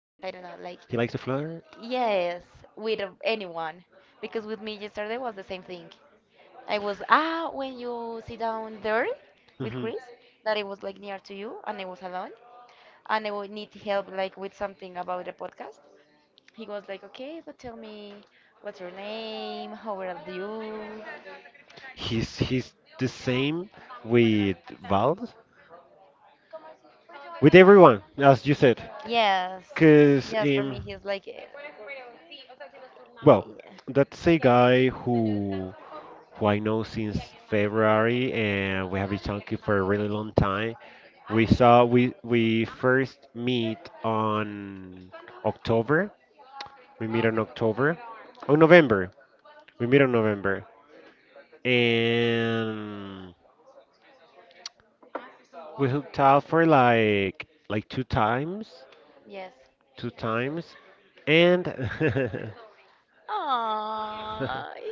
yes, I don't know. Like To flirt. yes, with anyone, because with me yesterday was the same thing. I was when you sit down there Hmm. with Really? Chris that it was like near to you, and I was alone, and I would need help like with something about the podcast. He was like, okay, but tell me, what's your name? How old are you? He's the same with Val, with everyone, as you said. Yes. Cause Yes, for um, me, he's like, well, yeah. that's a guy who I know since February, and we have been talking for a really long time. We saw we first meet on October. We meet on October, on November. We meet on November, and we hooked out for like Yes. two times, and Aww.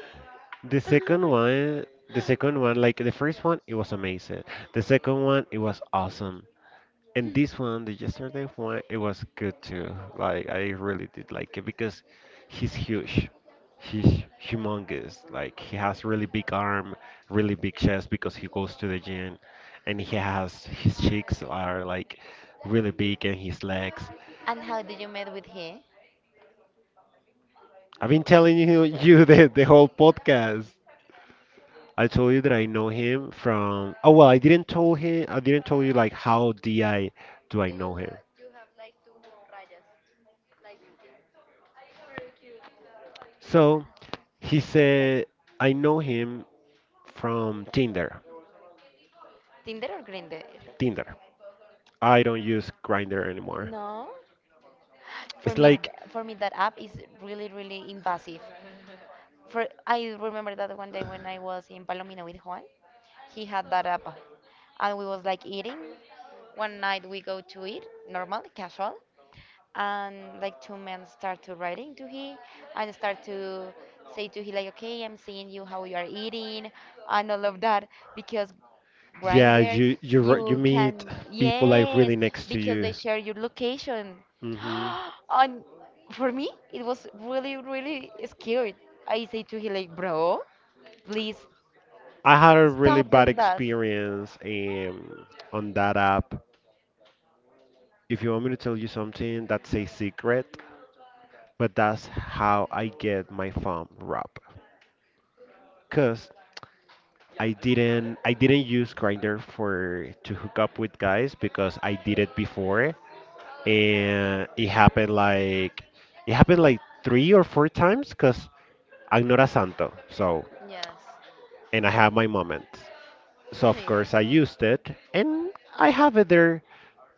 the second one, like the first one, it was amazing. The second one, it was awesome. And this one, the yesterday one, it was good too. Like I really did like it because he's huge. He's humongous. Like he has really big arm, really big chest because he goes to the gym and he has his cheeks are like really big and his legs. And how did you met with him? I've been telling you you the whole podcast. I told you that I know him from oh well I didn't tell him I didn't tell you like how did I do I know him. So he said I know him from Tinder. Tinder or Grindr? Tinder. I don't use Grinder anymore. No. It's For me, like, for me, that app is really, really invasive. For I remember that one day when I was in Palomino with Juan, he had that app, and we was like eating. One night we go to eat, normal, casual, and like two men start to writing to he and start to say to he like, okay, I'm seeing you how you are eating and all of that, because yeah, Grinder, you you you meet can, people like really yes, next to because you. they share your location. Hmm. And for me, it was really really scary. I say to he like, bro, please I had a really stop bad doing that. experience on that app. If you want me to tell you something, that's a secret, but that's how I get my phone robbed. Cause I didn't use Grinder for to hook up with guys because I did it before and it happened like three or four times because I'm not a santo, so Yes. and I have my moments. So of course I Yes. used it and I have it there.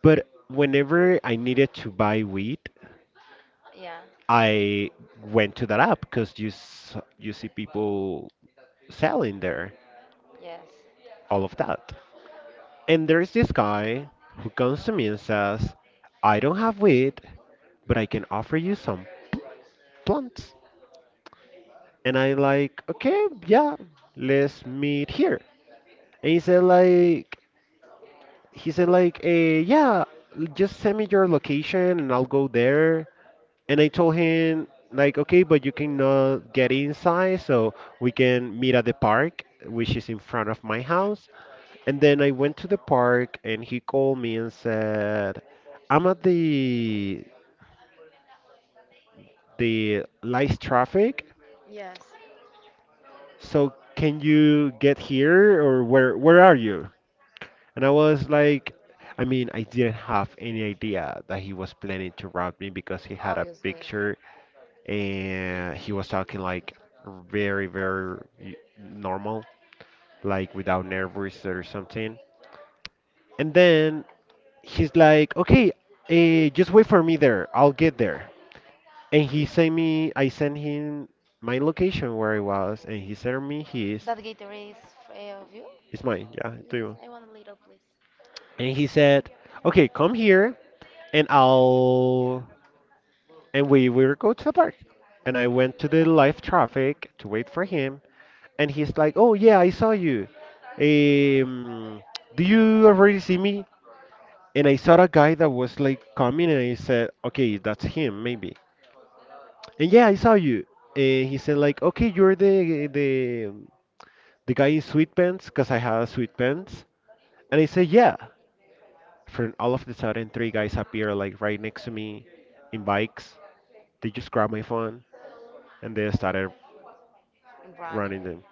But whenever I needed to buy weed, Yeah, I went to that app because you see people selling there yes. all of that. And there's this guy who comes to me and says, "I don't have weed, but I can offer you some plants." And I like, okay, yeah, let's meet here. And he said like, yeah, just send me your location and I'll go there. And I told him like, okay, but you cannot get inside, so we can meet at the park, which is in front of my house. And then I went to the park and he called me and said, I'm at the light traffic, Yes. so can you get here or where are you? And I was like, I mean, I didn't have any idea that he was planning to rob me because he had a Obviously. picture and he was talking like very, very normal, like without nervous or something. And then he's like, okay, just wait for me there. I'll get there. And he sent me, I sent him my location where I was, and he sent me his. That Gatorade is, of you? It's mine, yeah, do Yes, you? I want a little, please. And he said, okay, come here and I'll and we were go to the park. And I went to the live traffic to wait for him, and he's like, "Oh yeah, I saw you. Um, do you already see me?" And I saw a guy that was like coming, and I said, "Okay, that's him, maybe." And yeah, I saw you. And he said like, "Okay, you're the the guy in sweatpants, 'cause I had sweatpants." And I said, "Yeah." From all of the sudden, three guys appear like right next to me in bikes. They just grabbed my phone and they started running Running. them.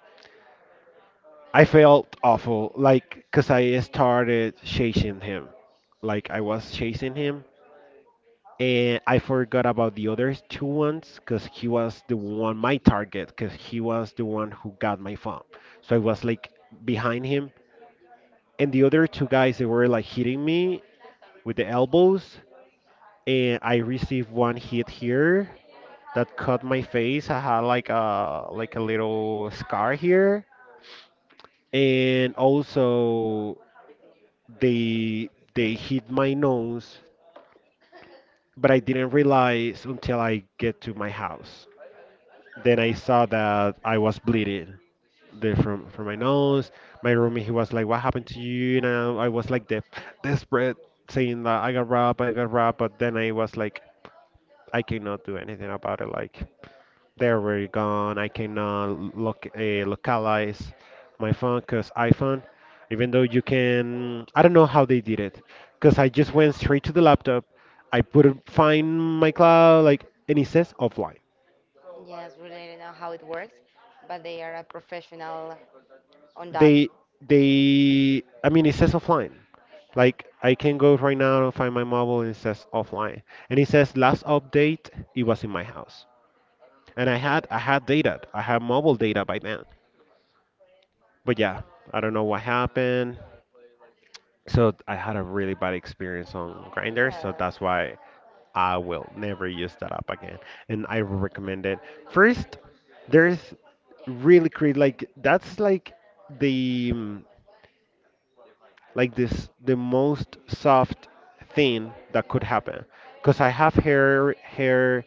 I felt awful, like, because I started chasing him. Like, I was chasing him, and I forgot about the other two ones because he was the one, my target, because he was the one who got my phone. So I was like behind him, and the other two guys, they were like hitting me with the elbows, and I received one hit here that cut my face. I had like a little scar here, and also they hit my nose, but I didn't realize until I get to my house. Then I saw that I was bleeding there from my nose. My roommate he was like, "What happened to you?" And I was like desperate, saying that I got robbed, I got robbed. But then I was like, I cannot do anything about it. Like there we gone. I cannot localize my phone because iPhone, even though you can, I don't know how they did it because I just went straight to the laptop. I put it- find my cloud like and it says offline. Yes, really know how it works, but they are a professional on that. They they I mean it says offline. Like I can go right now and find my mobile and it says offline. And it says last update it was in my house. And I had data. I had mobile data by then. But yeah, I don't know what happened. So I had a really bad experience on Grinder, so Yes, that's why I will never use that app again. And I recommend it. First, there's really crazy like that's like the mm, like this the most soft thing that could happen. Because I have hair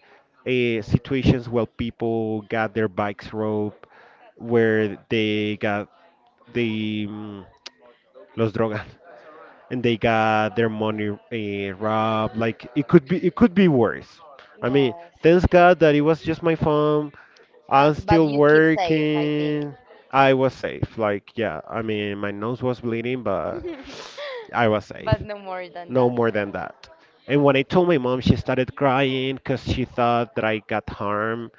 situations where people got their bikes rope, where they got the mm, los drogas and they got their money robbed. Like it could be worse. I mean, thanks yes. God that it was just my phone. I'm But still you keep safe, I think. working. I was safe. Like yeah, I mean, my nose was bleeding, but I was safe. But no more than No that. more than that. And when I told my mom, she started crying because she thought that I got harmed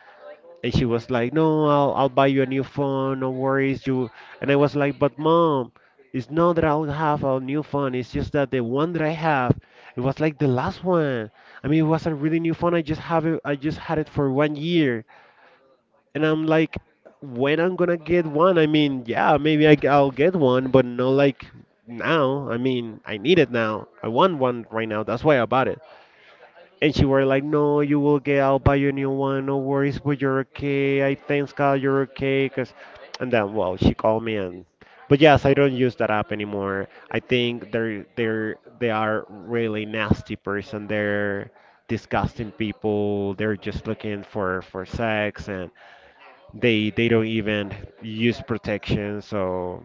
and she was like no I'll buy you a new phone no worries you and I was like but mom it's not that I'll have a new phone it's just that the one that I have it was like the last one I mean it was a really new phone I just had it for 1 year and I'm like when I'm gonna get one I mean yeah maybe I'll get one but not like now I mean I need it now I want one right now that's why I bought it and she were like, no, you will get I'll buy you a new one, no worries, but you're okay. I thanks God you're okay. Cause, and then, well, she called me and, but yes, I don't use that app anymore. I think they are really nasty person. They're disgusting people. They're just looking for sex and they don't even use protection. So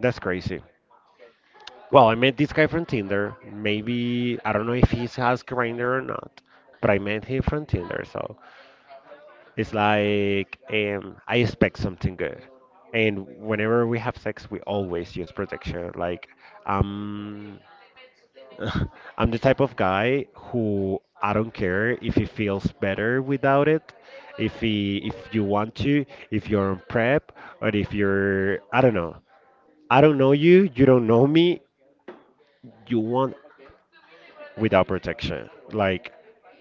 that's crazy. Well, I met this guy from Tinder. Maybe I don't know if he has Grinder or not, but I met him from Tinder. So it's like I expect something good. And whenever we have sex, we always use protection. Like um, I'm the type of guy who I don't care if he feels better without it. If he, if you want to, if you're on prep, or if you're, I don't know. I don't know you, you don't know me. You want without protection. Like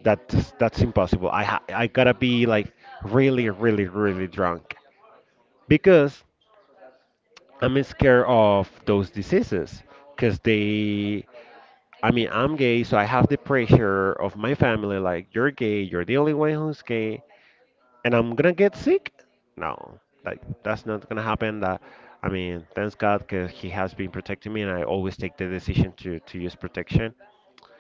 that's impossible. I I gotta be like really really really drunk because I'm scared of those diseases because they. I mean, I'm gay, so I have the pressure of my family. Like, you're gay, you're the only one who's gay, and I'm gonna get sick. No, like that's not gonna happen. That I mean, thanks God, because He has been protecting me, and I always take the decision to use protection.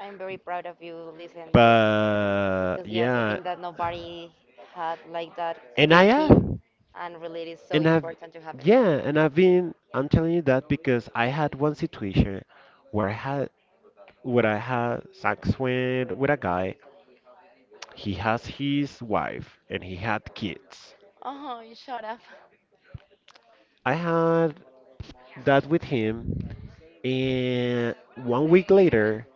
I'm very proud of you, listen this, But because yes, I yeah, think that nobody had like that and I thinking, have. and really it is so And I've, important to have it. yeah, I'm telling you that because I had one situation where I had, where I had sex with a guy. He has his wife and he had kids. Oh, you shut up. I had that with him, and 1 week later,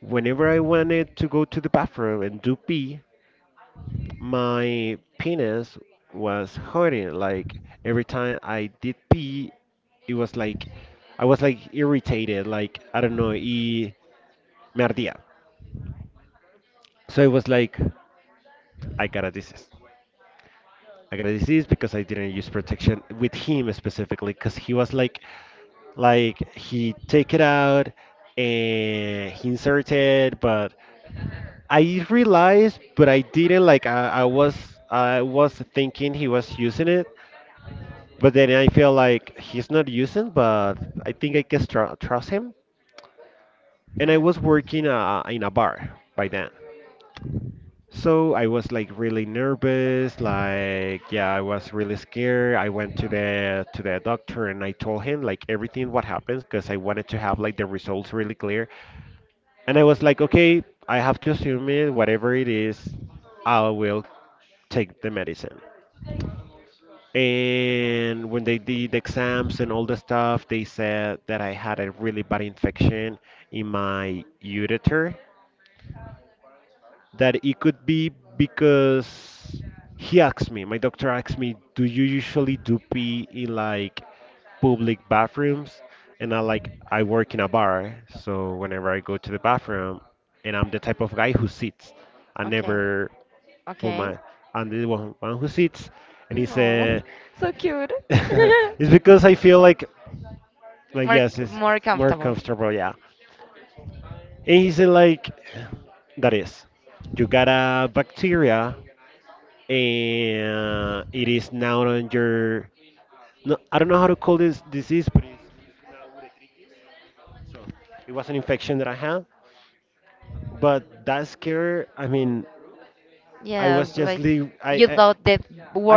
whenever I wanted to go to the bathroom and do pee, my penis was hurting. Like every time I did pee, it was like I was like irritated. Like I don't know, it Merdia. So it was like, I got a disease. I got a disease because I didn't use protection with him specifically, because he was like he take it out and he inserted, but I realized, but I didn't like. I was thinking he was using it, but then I feel like he's not using, but I think I can trust him. And I was Hmm. working in a bar by then. So I was like really nervous, like yeah, I was really scared. I went to the doctor and I told him like everything what happened because I wanted to have like the results really clear. And I was like, okay, I have to assume it, whatever it is, I will take the medicine. And when they did exams and all the stuff, they said that I had a really bad infection in my ureter that it could be because he asked me, my doctor asked me, do you usually do pee in like public bathrooms? And I like, I work in a bar, so whenever I go to the bathroom, and I'm the type of guy who sits, I Okay. never put Okay. my, I'm the one who sits. And he No. said, So cute. it's because I feel like, More yes, it's more more comfortable. comfortable, yeah. And he said, like, that is, you got a bacteria and it is now on your no, I don't know how to call this disease, but it's, so it was an infection that I had. But that scare, I mean, I Yes, was just like leave. I you I, thought the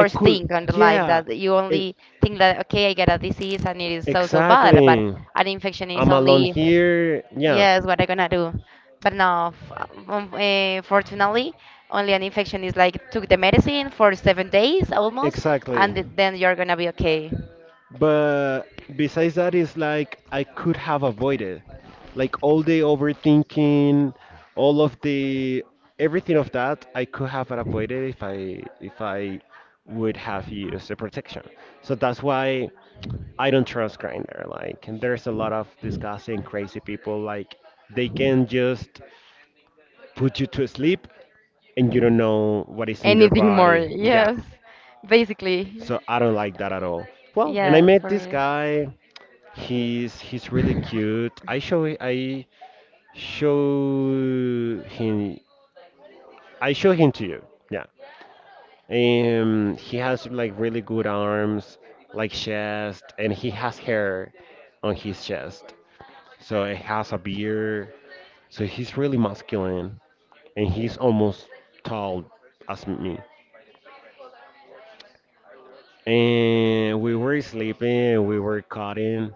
I could, thing on the life yeah, that you it, only think that okay, I got a disease and it is so so bad, but exactly. an infection is I'm alone only, here. Yeah, yes, what I gonna do. But no, fortunately, only an infection is like took the medicine for 7 days almost, exactly. and then you're gonna be okay. But besides that, it's like I could have avoided, like all the overthinking, all of the everything of that I could have avoided if I would have used the protection. So that's why I don't trust Grindr. Like, and there's a lot of disgusting, crazy people. Like, they can just put you to sleep and you don't know what is in your Anything more? body. Yeah. Yes, basically. So I don't like that at all. Well, and I Yes, met for this me. guy. He's really cute. I show him I show him to you. Yeah. He has like really good arms, like chest, and he has hair on his chest. So he has a beard. So he's really masculine and he's almost tall as me. And we were sleeping, we were cutting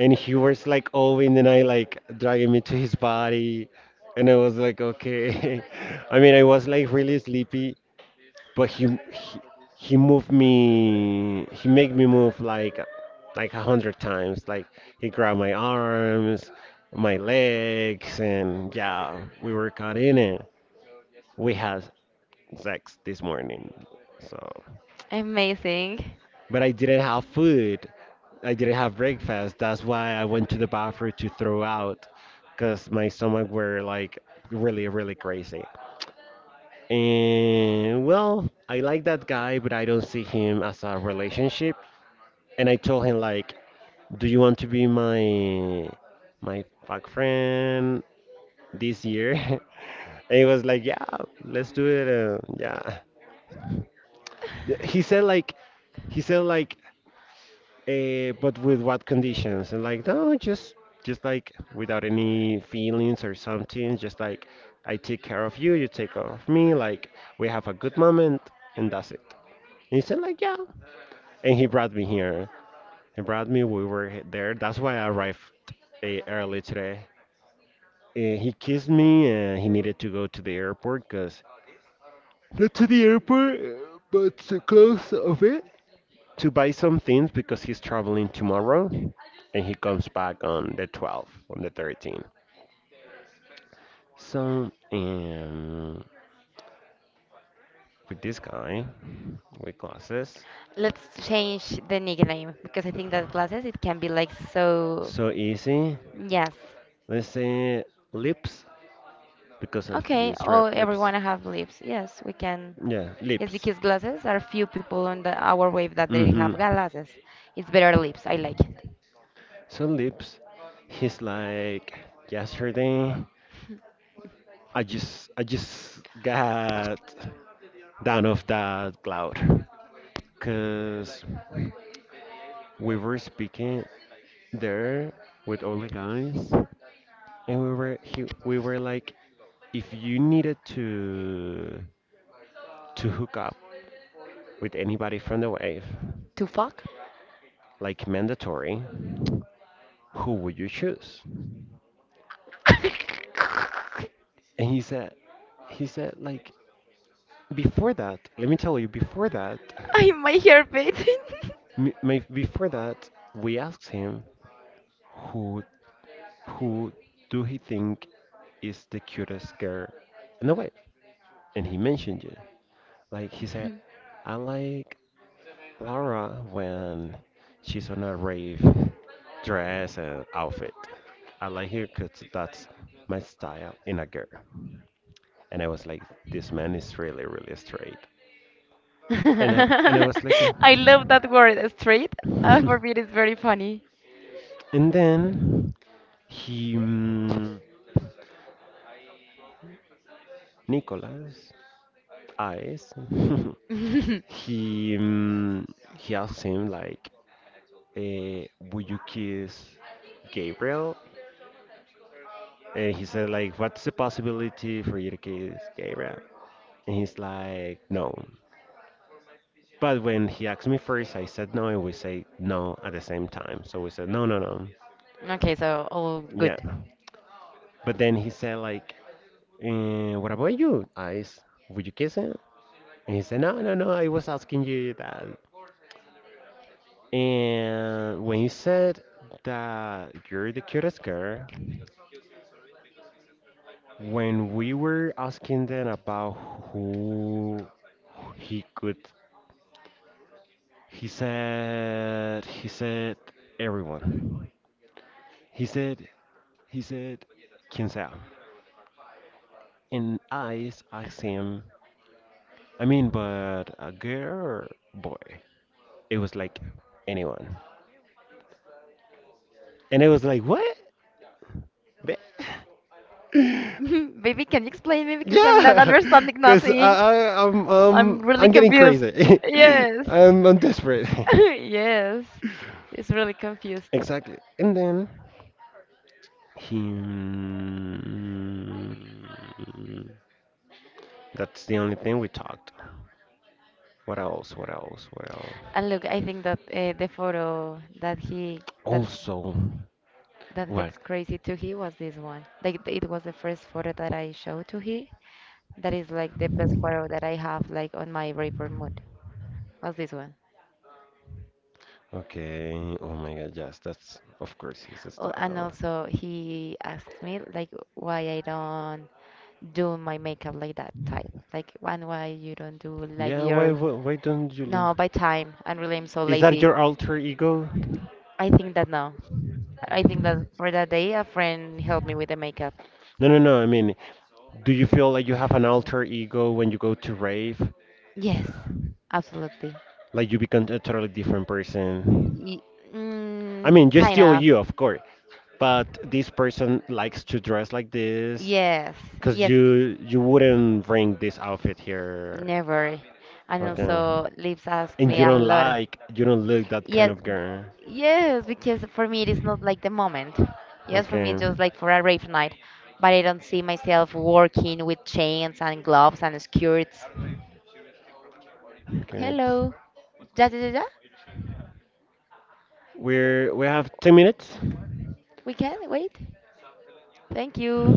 and he was like all in the night like dragging me to his body, and I was like okay. I mean I was like really sleepy, but he moved me, he made me move like a hundred times, like he grabbed my arms, my legs, and yeah, we were caught in it. We had sex this morning. So Amazing. but I didn't have food. I didn't have breakfast. That's why I went to the bathroom to throw out because my stomach were like really, really crazy. And well, I like that guy, but I don't see him as a relationship. And I told him like, do you want to be my my fuck friend this year? And he was like, yeah, let's do it. Yeah. He said like, he said like But with what conditions? And like, no, just like without any feelings or something, just like I take care of you, you take care of me, like we have a good moment and that's it. And he said like, yeah. And he brought me here. He brought me, we were there. That's why I arrived early today. He kissed me and he needed to go to the airport because not to the airport, but so close of it. To buy some things because he's traveling tomorrow and he comes back on the 12th, on the 13th. So, with this guy with glasses, Let's change the nickname, because I think that glasses it can be like so. so easy. Yes. Let's say lips because of Okay. his Oh, red lips. everyone have lips. Yes, we can. Yeah, Yes, lips. because glasses are few people on the our wave that they have Mm-hmm. glasses. It's better lips. I like it. So lips. He's like yesterday. I just got down off that cloud, cause we were speaking there with all the guys, and we were we were like, if you needed to hook up with anybody from the wave, To fuck. like mandatory, who would you choose? And he said, he said like, before that, let me tell you, before that, I my hair bit. Before that, we asked him who who do he think is the cutest girl in the wave, and he mentioned you. Like he said, I like Laura when she's on a rave dress and outfit. I like her because that's my style in a girl. And I was like, this man is really, really straight. And I was like, I love that word, street. For me, it is very funny. and then he, mm, Nicholas, eyes, he, mm, he asked him like, eh, would you kiss Gabriel? And he said like, what's the possibility for you to kiss Gabriel? And he's like, no. But when he asked me first, I said no, and we say no at the same time. So we said, no, no, no. Okay, so all good. Yeah. But then he said, like, what about you, Ice? Would you kiss him? And he said, no, no, no, I was asking you that. And when he said that you're the cutest girl, when we were asking them about who he could, he said, everyone. He said, he said, "Quién sea?" And I asked him, "I mean, but a girl or boy?" It was like anyone, and it was like, "What?" Be- Baby, can you explain me, because I'm not Yeah, understanding because I, nothing. I, I'm, I'm um, really I'm getting confused. crazy. Yes. I'm desperate. Yes. It's really confused. Exactly. And then he. That's the only thing we talked. What else? What else? What else? And look, I think that the photo that he that Also, that what? gets crazy to he was this one. Like it was the first photo that I showed to he. That is like the best photo that I have like on my river mood. What's this one? Okay. Oh my God. Yes, that's of course his Oh, and style. also he asked me like, why I don't do my makeup like that type? Like one, why you don't do like Yeah. Why? your Why don't you lose? no by time? And really I'm so Is that lazy. your alter ego? I think that no. I think that for that day a friend helped me with the makeup. No, no, no. I mean, do you feel like you have an alter ego when you go to rave? Yes, absolutely. Like you become a totally different person? Y- I mean, mm, you're kind still of. you, of course, but this person likes to dress like this Yes, because yes. You wouldn't bring this outfit here. Never. And Okay. also, Lips asked And me you a don't lot. like, you don't look that Yeah, kind of girl. yes, because for me it is not like the moment. Yes, for me Okay. it's just like for a rave night, but I don't see myself working with chains and gloves and skirts. Okay. Hello, ja ja ja ja. We're we have 10 minutes. We can wait. Thank you.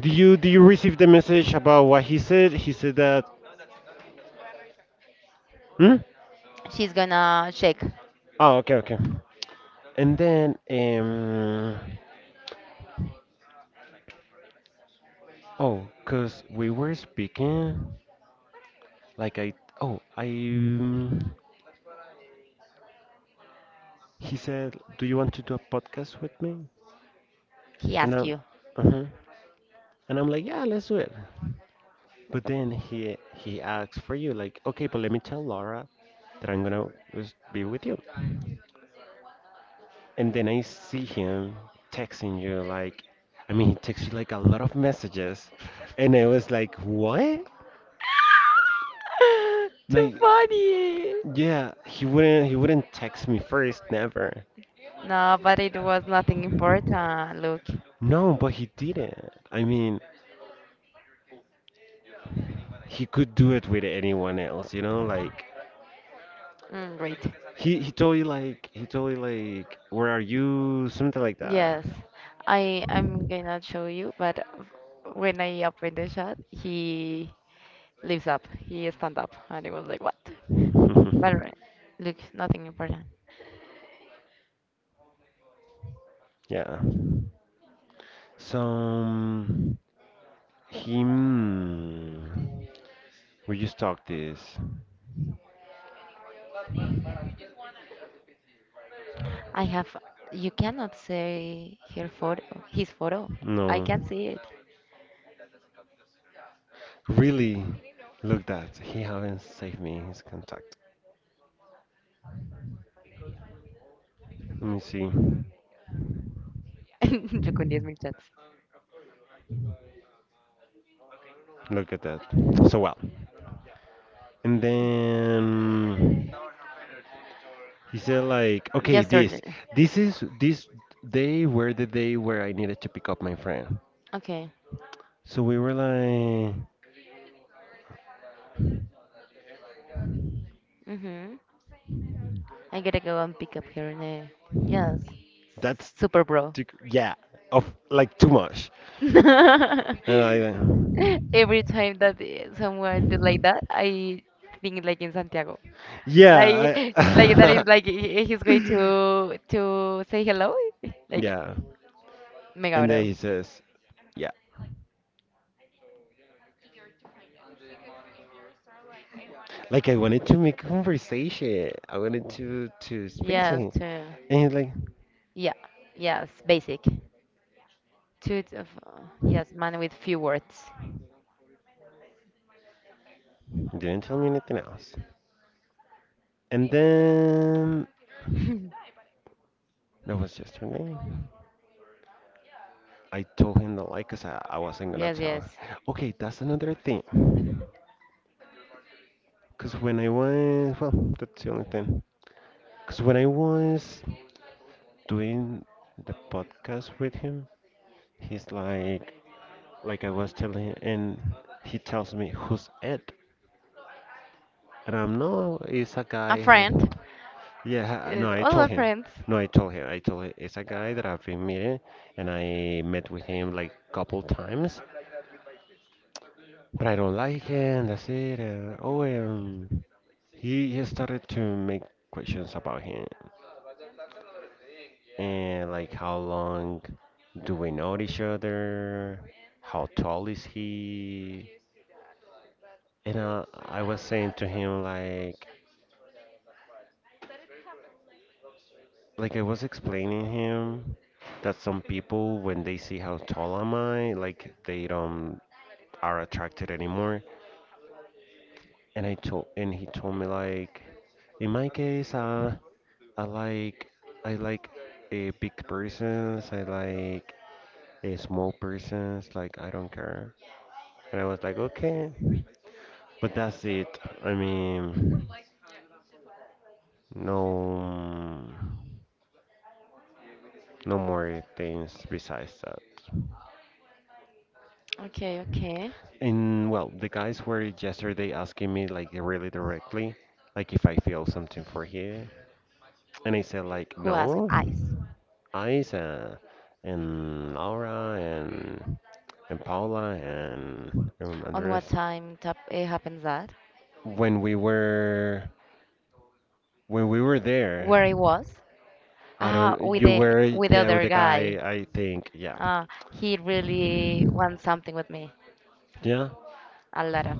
Do you receive the message about what he said? He said that. Hmm? She's gonna check. Oh, okay, okay. And then. Oh, cause we were speaking. Like I. Oh, I. He said, "Do you want to do a podcast with me?" He And asked I'm. you. Uh-huh. And I'm like, "Yeah, let's do it." But then he asks for you, like, "Okay, but let me tell Laura that I'm gonna just be with you." And then I see him texting you like, I mean, he texts you like a lot of messages, and I was like, what? Too Like, funny. yeah, he wouldn't text me first, never. No, but it was nothing important. Look, No, but he didn't. I mean, he could do it with anyone else, you know? Like, great. He told you like he told you like, where are you? Something like that. Yes, I'm gonna show you, but when I opened the shot, he lives up. He stand up, and it was like, what? But look, nothing important. Yeah. So him. We just talked this. I have. You cannot say her photo, his photo. I No. can't see it. Really? Look that. He haven't saved me his contact. Let me see. Yo con 10,000 chats. Look at that. So well. And then he said like, okay, Yesterday. this is this day were the day where I needed to pick up my friend. Okay. So we were like, Mhm. I gotta go and pick up her name. Yes. that's Super bro. too, yeah, of like too much. And I, Every time that someone do like that, I think like in Santiago. Like yeah, like that I, is like he's going to say hello. Like yeah. mega And then bro. he says, yeah, like I wanted to make conversation. I wanted to speak to Yes, him, to and he's like, yeah. Yes, basic. Two of, yes, man with few words. didn't tell me anything else. And then that was yesterday. I told him that like, cause I wasn't gonna Yes, yes. tell. Okay, that's another thing. Cause when I was well, that's the only thing. Cause when I was doing the podcast with him, he's like I was telling him, and he tells me who's Ed, and I'm no, it's a A guy. friend. Yeah, no, Yes, I all told our him. friends. No, I told him. I told him it's a guy that I've been meeting, and I met with him like couple times, but I don't like him. That's it. And, oh, he started to make questions about him and like how long do we know each other? How tall is he? And I was saying to him like I was explaining him that some people when they see how tall am I, like they don't are attracted anymore. And I told and he told me like, in my case, I like I like a big persons. I like a small persons. Like I don't care. And I was like, okay, but that's it. I mean, no, no more things besides that. Okay, okay. And well, the guys were yesterday asking me like really directly, like if I feel something for him, and I said like Who asked? no, Ice. Isa and Laura and Paula and, On what Andres time tap happens that? when we were when we were Where there. it was, I ah don't. with You the were with the yeah with other the guy. guy. I think yeah, uh, he really wants something with me, yeah. a lot of.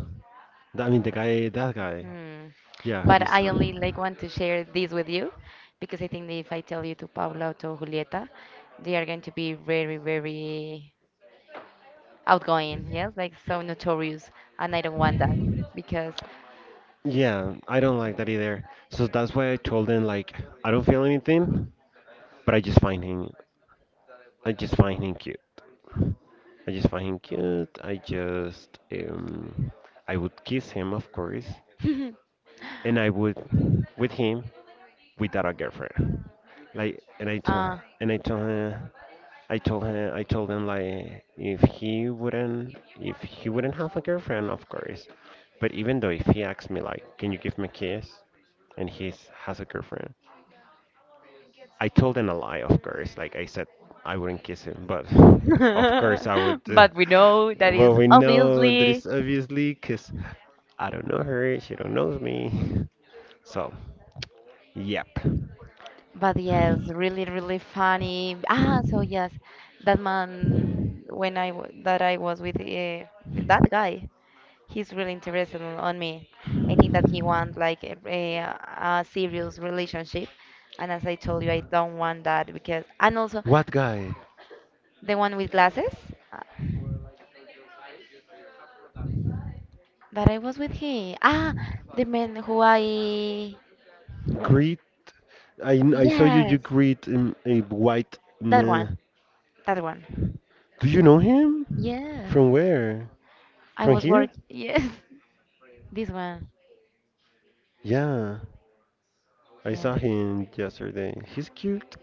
I mean the guy. That guy. Hmm. Yeah, But he's. I only like want to share this with you, because I think that if I tell you to Paula or to Julieta, they are going to be very very outgoing, yes, like so notorious, and I don't want that because Yeah, I don't like that either. So that's why I told him like I don't feel anything, but I just find him. I just find him cute. I just find him cute. I just I would kiss him, of course, and I would with him without a girlfriend. Like, and I told uh, and I told her, I told him like if he wouldn't have a girlfriend, of course. But even though if he asked me like, can you give me a kiss, and he has a girlfriend, I told him a lie, of course. Like I said, I wouldn't kiss him, but of course I would. uh, but we know that well, is we know that obviously. it's obviously 'cause I don't know her. She don't knows me. So, yep. But yes, really, really funny. So yes, that man, when that I was with, that guy, he's really interested on me. I think that he wants like a serious relationship, and as I told you, I don't want that, because and also What guy? the one with glasses, uh, that I was with he. The man who I, Greet. I saw you. You yes, greet a white that one, man. that one. Do you know him? Yes, From where? I From was work. here? Yes, this one. Yeah, I Yeah. saw him yesterday. He's cute.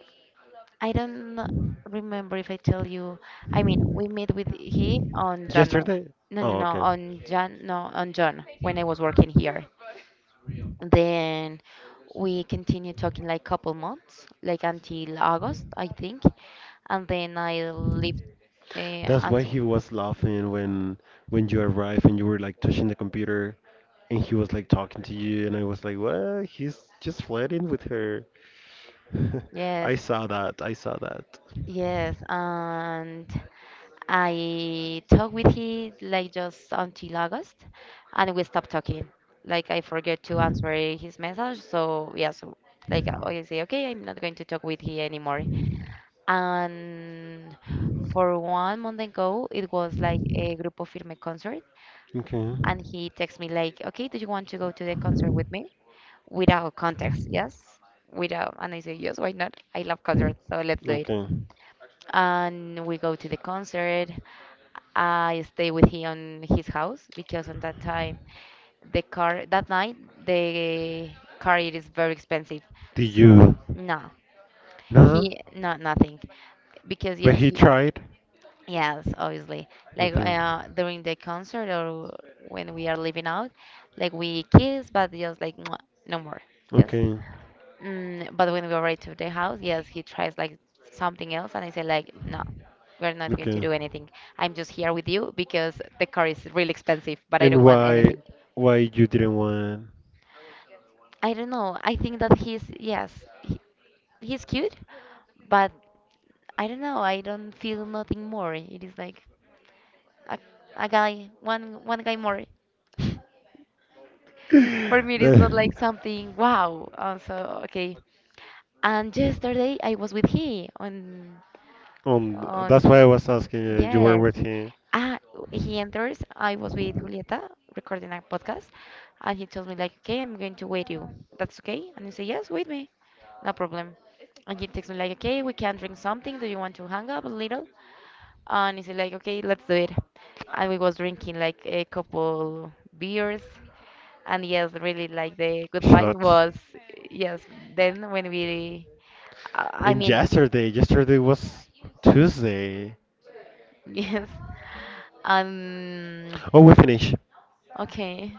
I don't remember if I tell you. I mean, we met with he on January. Yesterday? No, no, Oh, no, okay. on Jan, no, on John, when I was working here. Then we continued talking like couple months, like until August, I think. And then I lived, That's why as, he was laughing when you arrived and you were like touching the computer, and he was like talking to you, and I was like, what? He's just flirting with her. yes. I saw that. I saw that. Yes, and I talked with him like just until August, and we stopped talking. Like I forget to answer his message, so yeah, so like I always say, okay, I'm not going to talk with he anymore. And for one month ago, it was like a Grupo Firme concert, Okay. and he texted me like, okay, do you want to go to the concert with me? Without context, yes. Without, and I say yes, why not? I love concerts, so let's do it, Okay. and we go to the concert. I stay with him on his house, because on that time, the car that night, the car it is very expensive. Did S you? no, Nah. he not nothing, because But yes he he, tried. yes, obviously, like Okay. During the concert or when we are leaving out, like we kiss, but just like mwah, no more. Yes. Okay. But when we arrived to the house, yes, he tries like something else, and I said like, no, we're not going to Okay. do anything. I'm just here with you because the car is really expensive, but I And don't want why? anything. Why you didn't want? I don't know. I think that he's, yes, he, he's cute, but I don't know. I don't feel nothing more. It is like a, a guy, one guy more. For me, it is not The- like something wow. Also, okay. And yesterday I was with he, on that's why on I was asking you. You were yes. with him. Ah, he enters. I was with Julieta recording a podcast, and he tells me like, "Okay, I'm going to wait you. That's okay?" And I say, "Yes, wait me, no problem." And he texts me like, "Okay, we can drink something. Do you want to hang up a little?" And he said like, "Okay, let's do it." And we was drinking like a couple beers, and yes, really like the good vibe Shots. was yes. Then when we, I And mean, yesterday, yesterday was Tuesday. yes, and Oh, we finished. okay.